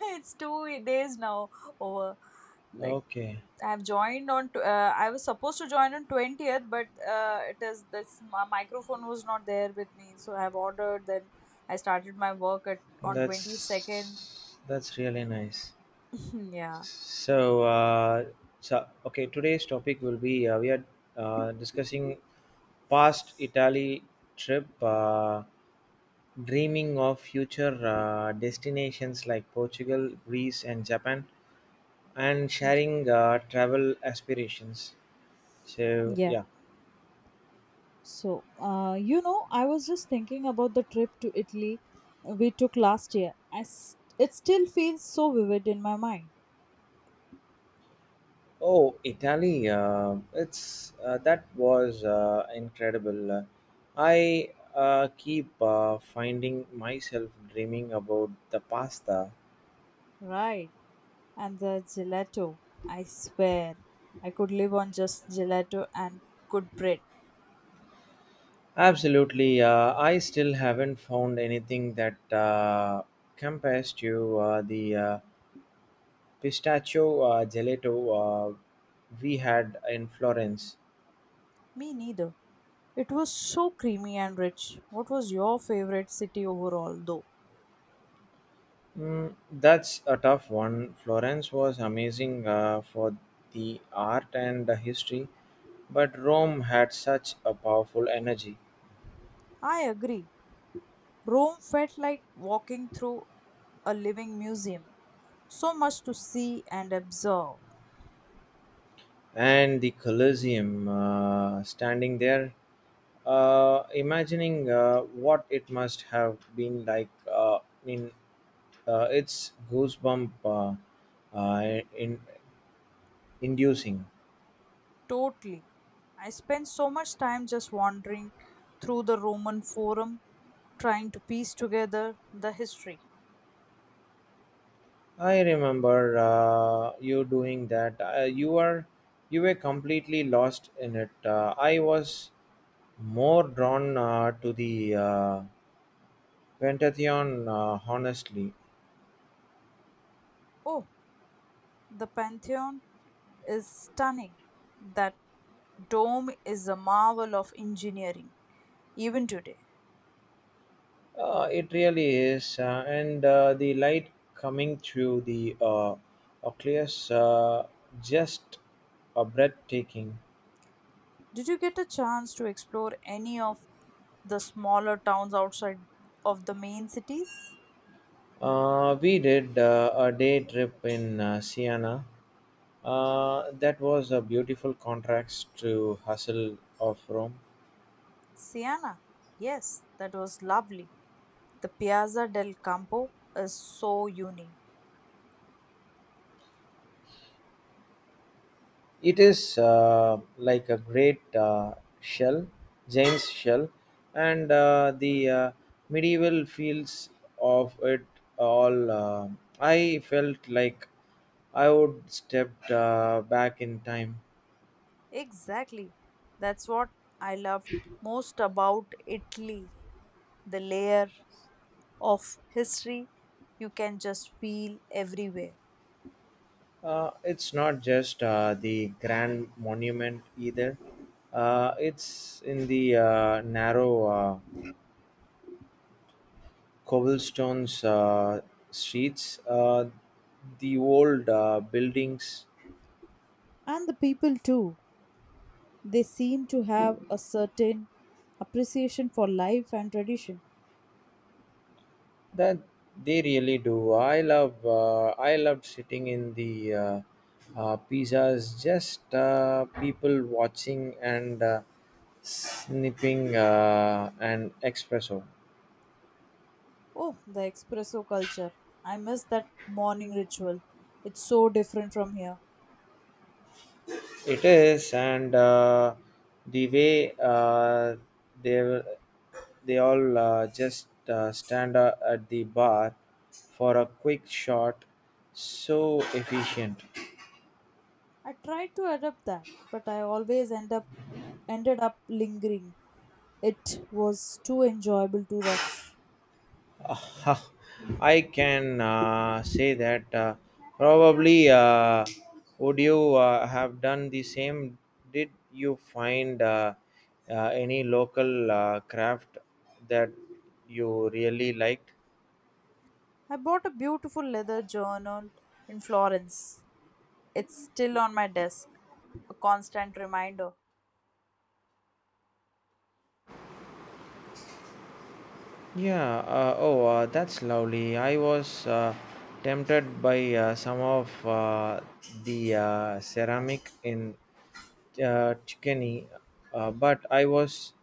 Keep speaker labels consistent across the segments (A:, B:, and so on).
A: It's 2 days now over, like,
B: Okay,
A: I was supposed to join on 20th, but it is this my microphone was not there with me, so I've ordered, then I started my work at on 22nd.
B: that's really nice.
A: Yeah.
B: So, uh, so, today's topic will be we are discussing past Italy trip, dreaming of future destinations like Portugal, Greece, and Japan, and
A: Y-
B: sharing travel aspirations. So,
A: Yeah.
B: yeah.
A: So, I was just thinking about the trip to Italy we took last year. I s- it still feels so vivid in my mind.
B: Oh, Italy! It's that was incredible. I keep finding myself dreaming about the pasta.
A: Right. And the gelato, I swear, I could live on just gelato and good bread.
B: Absolutely, I still haven't found anything that compares to the pistachio gelato we had in Florence.
A: Me neither. It was so creamy and rich. What was your favorite city overall, though?
B: Mm, that's a tough one. Florence was amazing for the art and the history, but Rome had such a powerful energy.
A: I agree. Rome felt like walking through a living museum. So much to see and observe.
B: And the Colosseum, standing there, imagining what it must have been like in its goosebump in inducing.
A: Totally. I spent so much time just wandering through the Roman Forum, trying to piece together the history.
B: I remember you doing that. You were completely lost in it. I was more drawn to the Pentathlon, honestly.
A: Oh, the Pantheon is stunning. That dome is a marvel of engineering, even today.
B: It really is, and the light coming through the Oculus just a breathtaking.
A: Did you get a chance to explore any of the smaller towns outside of the main cities?
B: We did a day trip in Siena. That was a beautiful contrast to hustle of Rome.
A: Siena. Yes, that was lovely. The Piazza del Campo is so unique.
B: It is like a great shell, James shell, and the medieval fields of it all. I felt like I would stepped back in time.
A: Exactly. That's what I loved most about Italy. The layer of history you can just feel everywhere.
B: It's not just the grand monument either. It's in the narrow, cobblestones streets, the old buildings
A: And the people too. They seem to have a certain appreciation for life and tradition.
B: that they really do. I loved sitting in the pizzas, just people watching and snipping an espresso.
A: Oh, the espresso culture. I miss that morning ritual. It's so different from here.
B: It is, and the way they were- they all just stand at the bar for a quick shot, so efficient.
A: I tried to adapt that, but I always ended up lingering. It was too enjoyable to rush.
B: Ah, I can say that probably would you have done the same? Did you find any local craft that you really liked?
A: I bought a beautiful leather journal in Florence. It's still on my desk, a constant reminder.
B: Yeah, oh, that's lovely. I was tempted by some of the ceramic in Chikini, but I was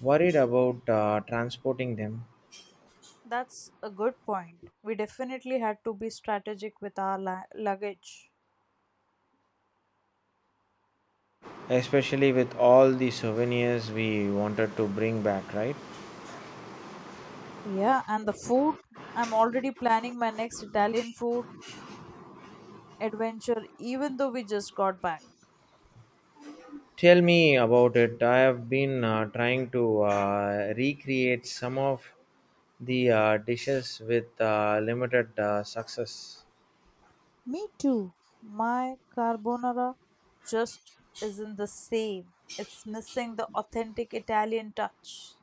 B: worried about transporting them,
A: That's a good point. We definitely had to be strategic with our luggage.
B: especially with all the souvenirs we wanted to bring back, right?
A: Yeah, and the food. I'm already planning my next Italian food adventure, even though we just got back.
B: Tell me about it. I have been trying to recreate some of the dishes with limited success.
A: Me too. My carbonara just isn't the same. It's missing the authentic Italian touch.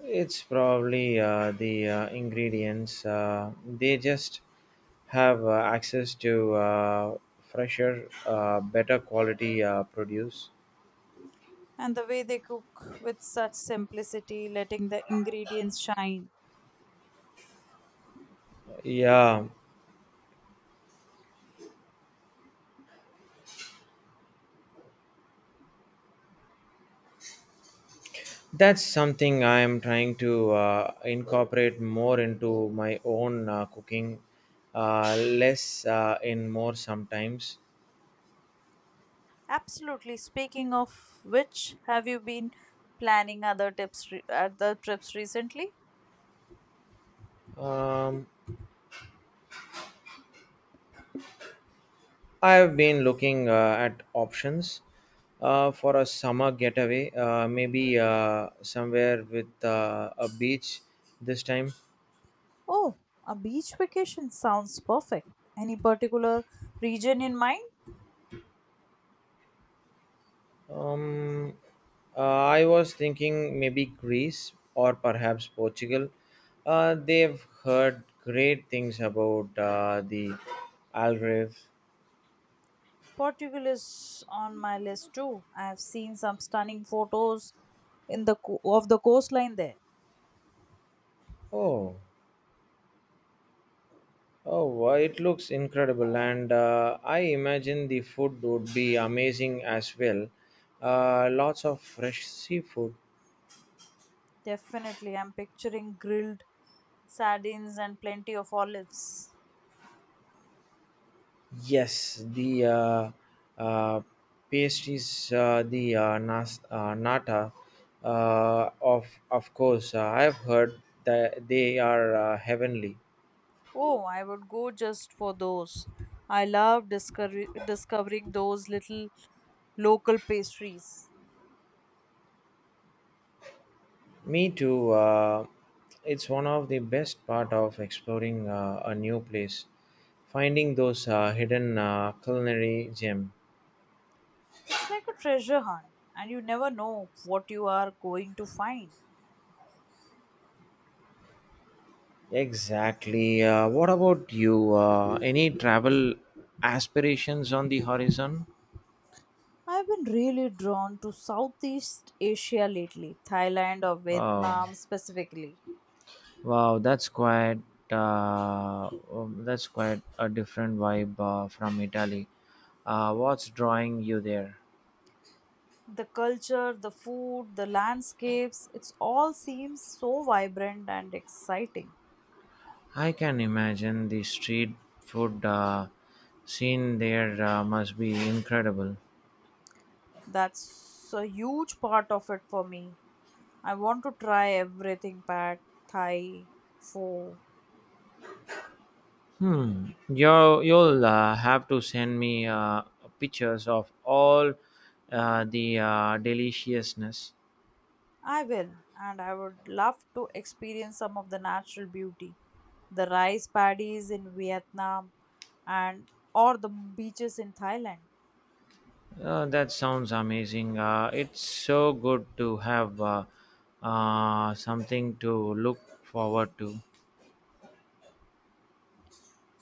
B: It's probably the ingredients. They just have access to fresher, better quality produce.
A: And the way they cook with such simplicity, letting the ingredients shine.
B: Yeah, that's something I am trying to incorporate more into my own cooking, less in more sometimes.
A: Absolutely. Speaking of which, have you been planning other trips recently?
B: Um, I have been looking at options for a summer getaway, maybe somewhere with a beach this time.
A: Oh, a beach vacation sounds perfect. Any particular region in mind?
B: Um, I was thinking maybe Greece or perhaps Portugal. They've heard great things about the Algarve.
A: Portugal is on my list too. I have seen some stunning photos of the coastline there.
B: Oh. Oh, wow, it looks incredible, and I imagine the food would be amazing as well. Lots of fresh seafood.
A: Definitely, I'm picturing grilled sardines and plenty of olives.
B: Yes, the uh, pastries, the nata, of course. I've heard that they are heavenly.
A: Oh, I would go just for those. I love discovering those little local pastries.
B: Me too. It's one of the best part of exploring a new place, finding those hidden culinary gem.
A: It's like a treasure hunt, and you never know what you are going to find.
B: Exactly. What about you? Any travel aspirations on the horizon?
A: I've been really drawn to Southeast Asia lately, Thailand or
B: Oh,
A: Vietnam specifically.
B: wow, that's quite a different vibe from Italy. What's drawing you there?
A: The culture, the food, the landscapes, it's all seems so vibrant and exciting.
B: I can imagine the street food scene there must be incredible.
A: That's a huge part of it for me. I want to try everything, pad thai, pho.
B: Hmm. You'll have to send me pictures of all the deliciousness.
A: I will, and I would love to experience some of the natural beauty, the rice paddies in Vietnam, and or the beaches in Thailand.
B: That sounds amazing. It's so good to have something to look forward to.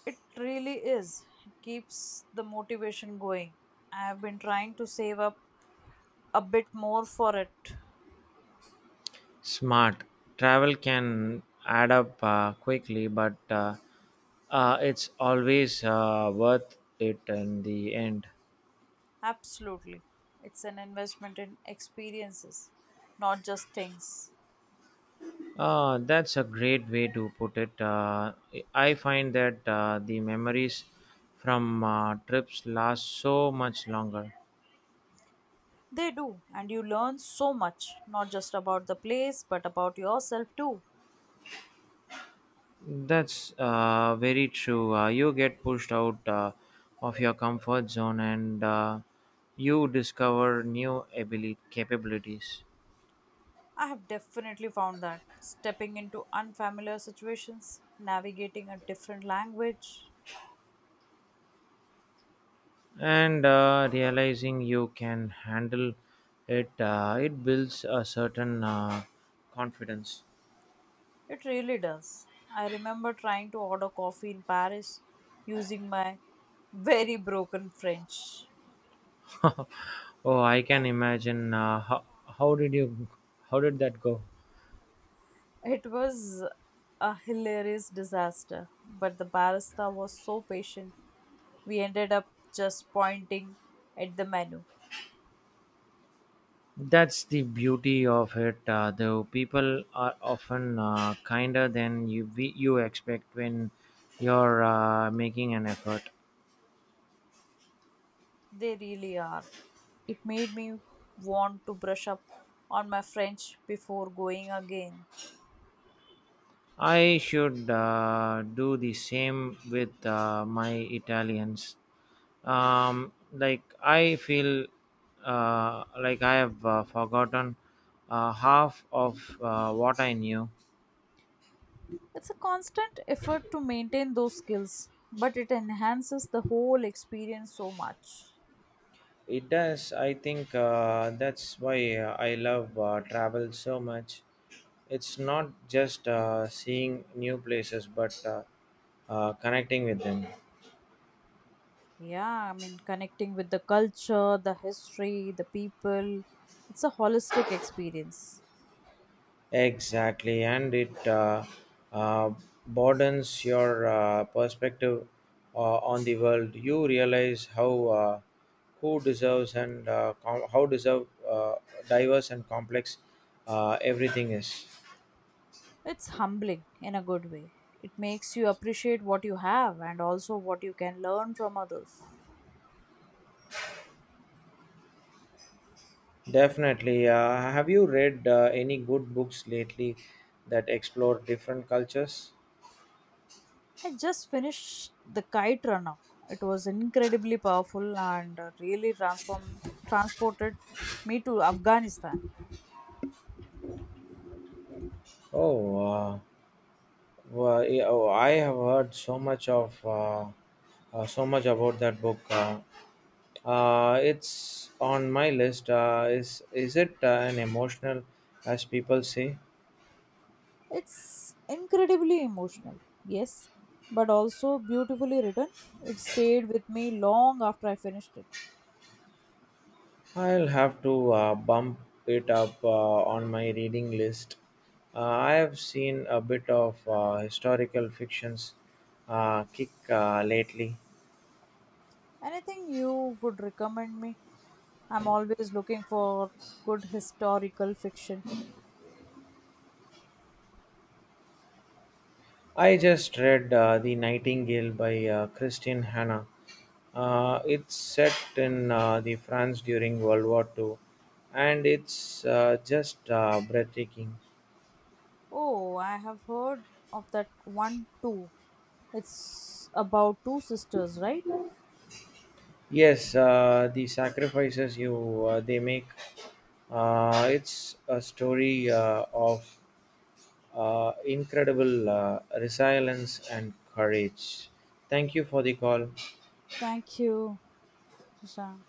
A: It really is, keeps the motivation going. I have been trying to save up a bit more for it.
B: Smart. Travel can add up quickly, but it's always worth it in the end.
A: Absolutely, it's an investment in experiences, not just things.
B: That's a great way to put it. I find that the memories from trips last so much longer.
A: They do, and you learn so much, not just about the place, but about yourself too.
B: That's very true. You get pushed out of your comfort zone and you discover new capabilities.
A: I have definitely found that stepping into unfamiliar situations, navigating a different language,
B: And realizing you can handle it, it builds a certain confidence.
A: it really does. I remember trying to order coffee in Paris using my very broken French.
B: Oh, I can imagine. How did you? How did that go?
A: It was a hilarious disaster, but the barista was so patient, we ended up just pointing at the menu.
B: That's the beauty of it, though. People are often kinder than you expect when you're making an effort.
A: They really are. It made me want to brush up on my French before going again.
B: I should do the same with my Italians. Like I feel like I have forgotten half of what I knew.
A: It's a constant effort to maintain those skills, but it enhances the whole experience so much.
B: It does. I think that's why I love travel so much. It's not just seeing new places, but connecting with them.
A: Yeah, I mean, connecting with the culture, the history, the people, it's a holistic experience.
B: Exactly, and it uh, broadens your perspective on the world. You realize how who deserves and com- how deserve diverse and complex everything is.
A: It's humbling in a good way. It makes you appreciate what you have and also what you can learn from others.
B: Definitely. Have you read any good books lately that explore different cultures?
A: I just finished The Kite Runner. It was incredibly powerful and really transformed transported me to Afghanistan.
B: Oh, uh, oh, I have heard so much about that book. It's on my list. Is it an emotional, as people say?
A: It's incredibly emotional, yes, but also beautifully written. It stayed with me long after I finished it.
B: I'll have to bump it up on my reading list. I have seen a bit of historical fictions kick lately.
A: Anything you would recommend me? I'm always looking for good historical fiction.
B: I just read The Nightingale by Christine Hanna. It's set in the France during World War II, and it's just breathtaking.
A: Oh, I have heard of that one too. It's about two sisters, right?
B: Yes, the sacrifices you they make. It's a story of incredible resilience and courage. Thank you for the call.
A: Thank you. 是啊，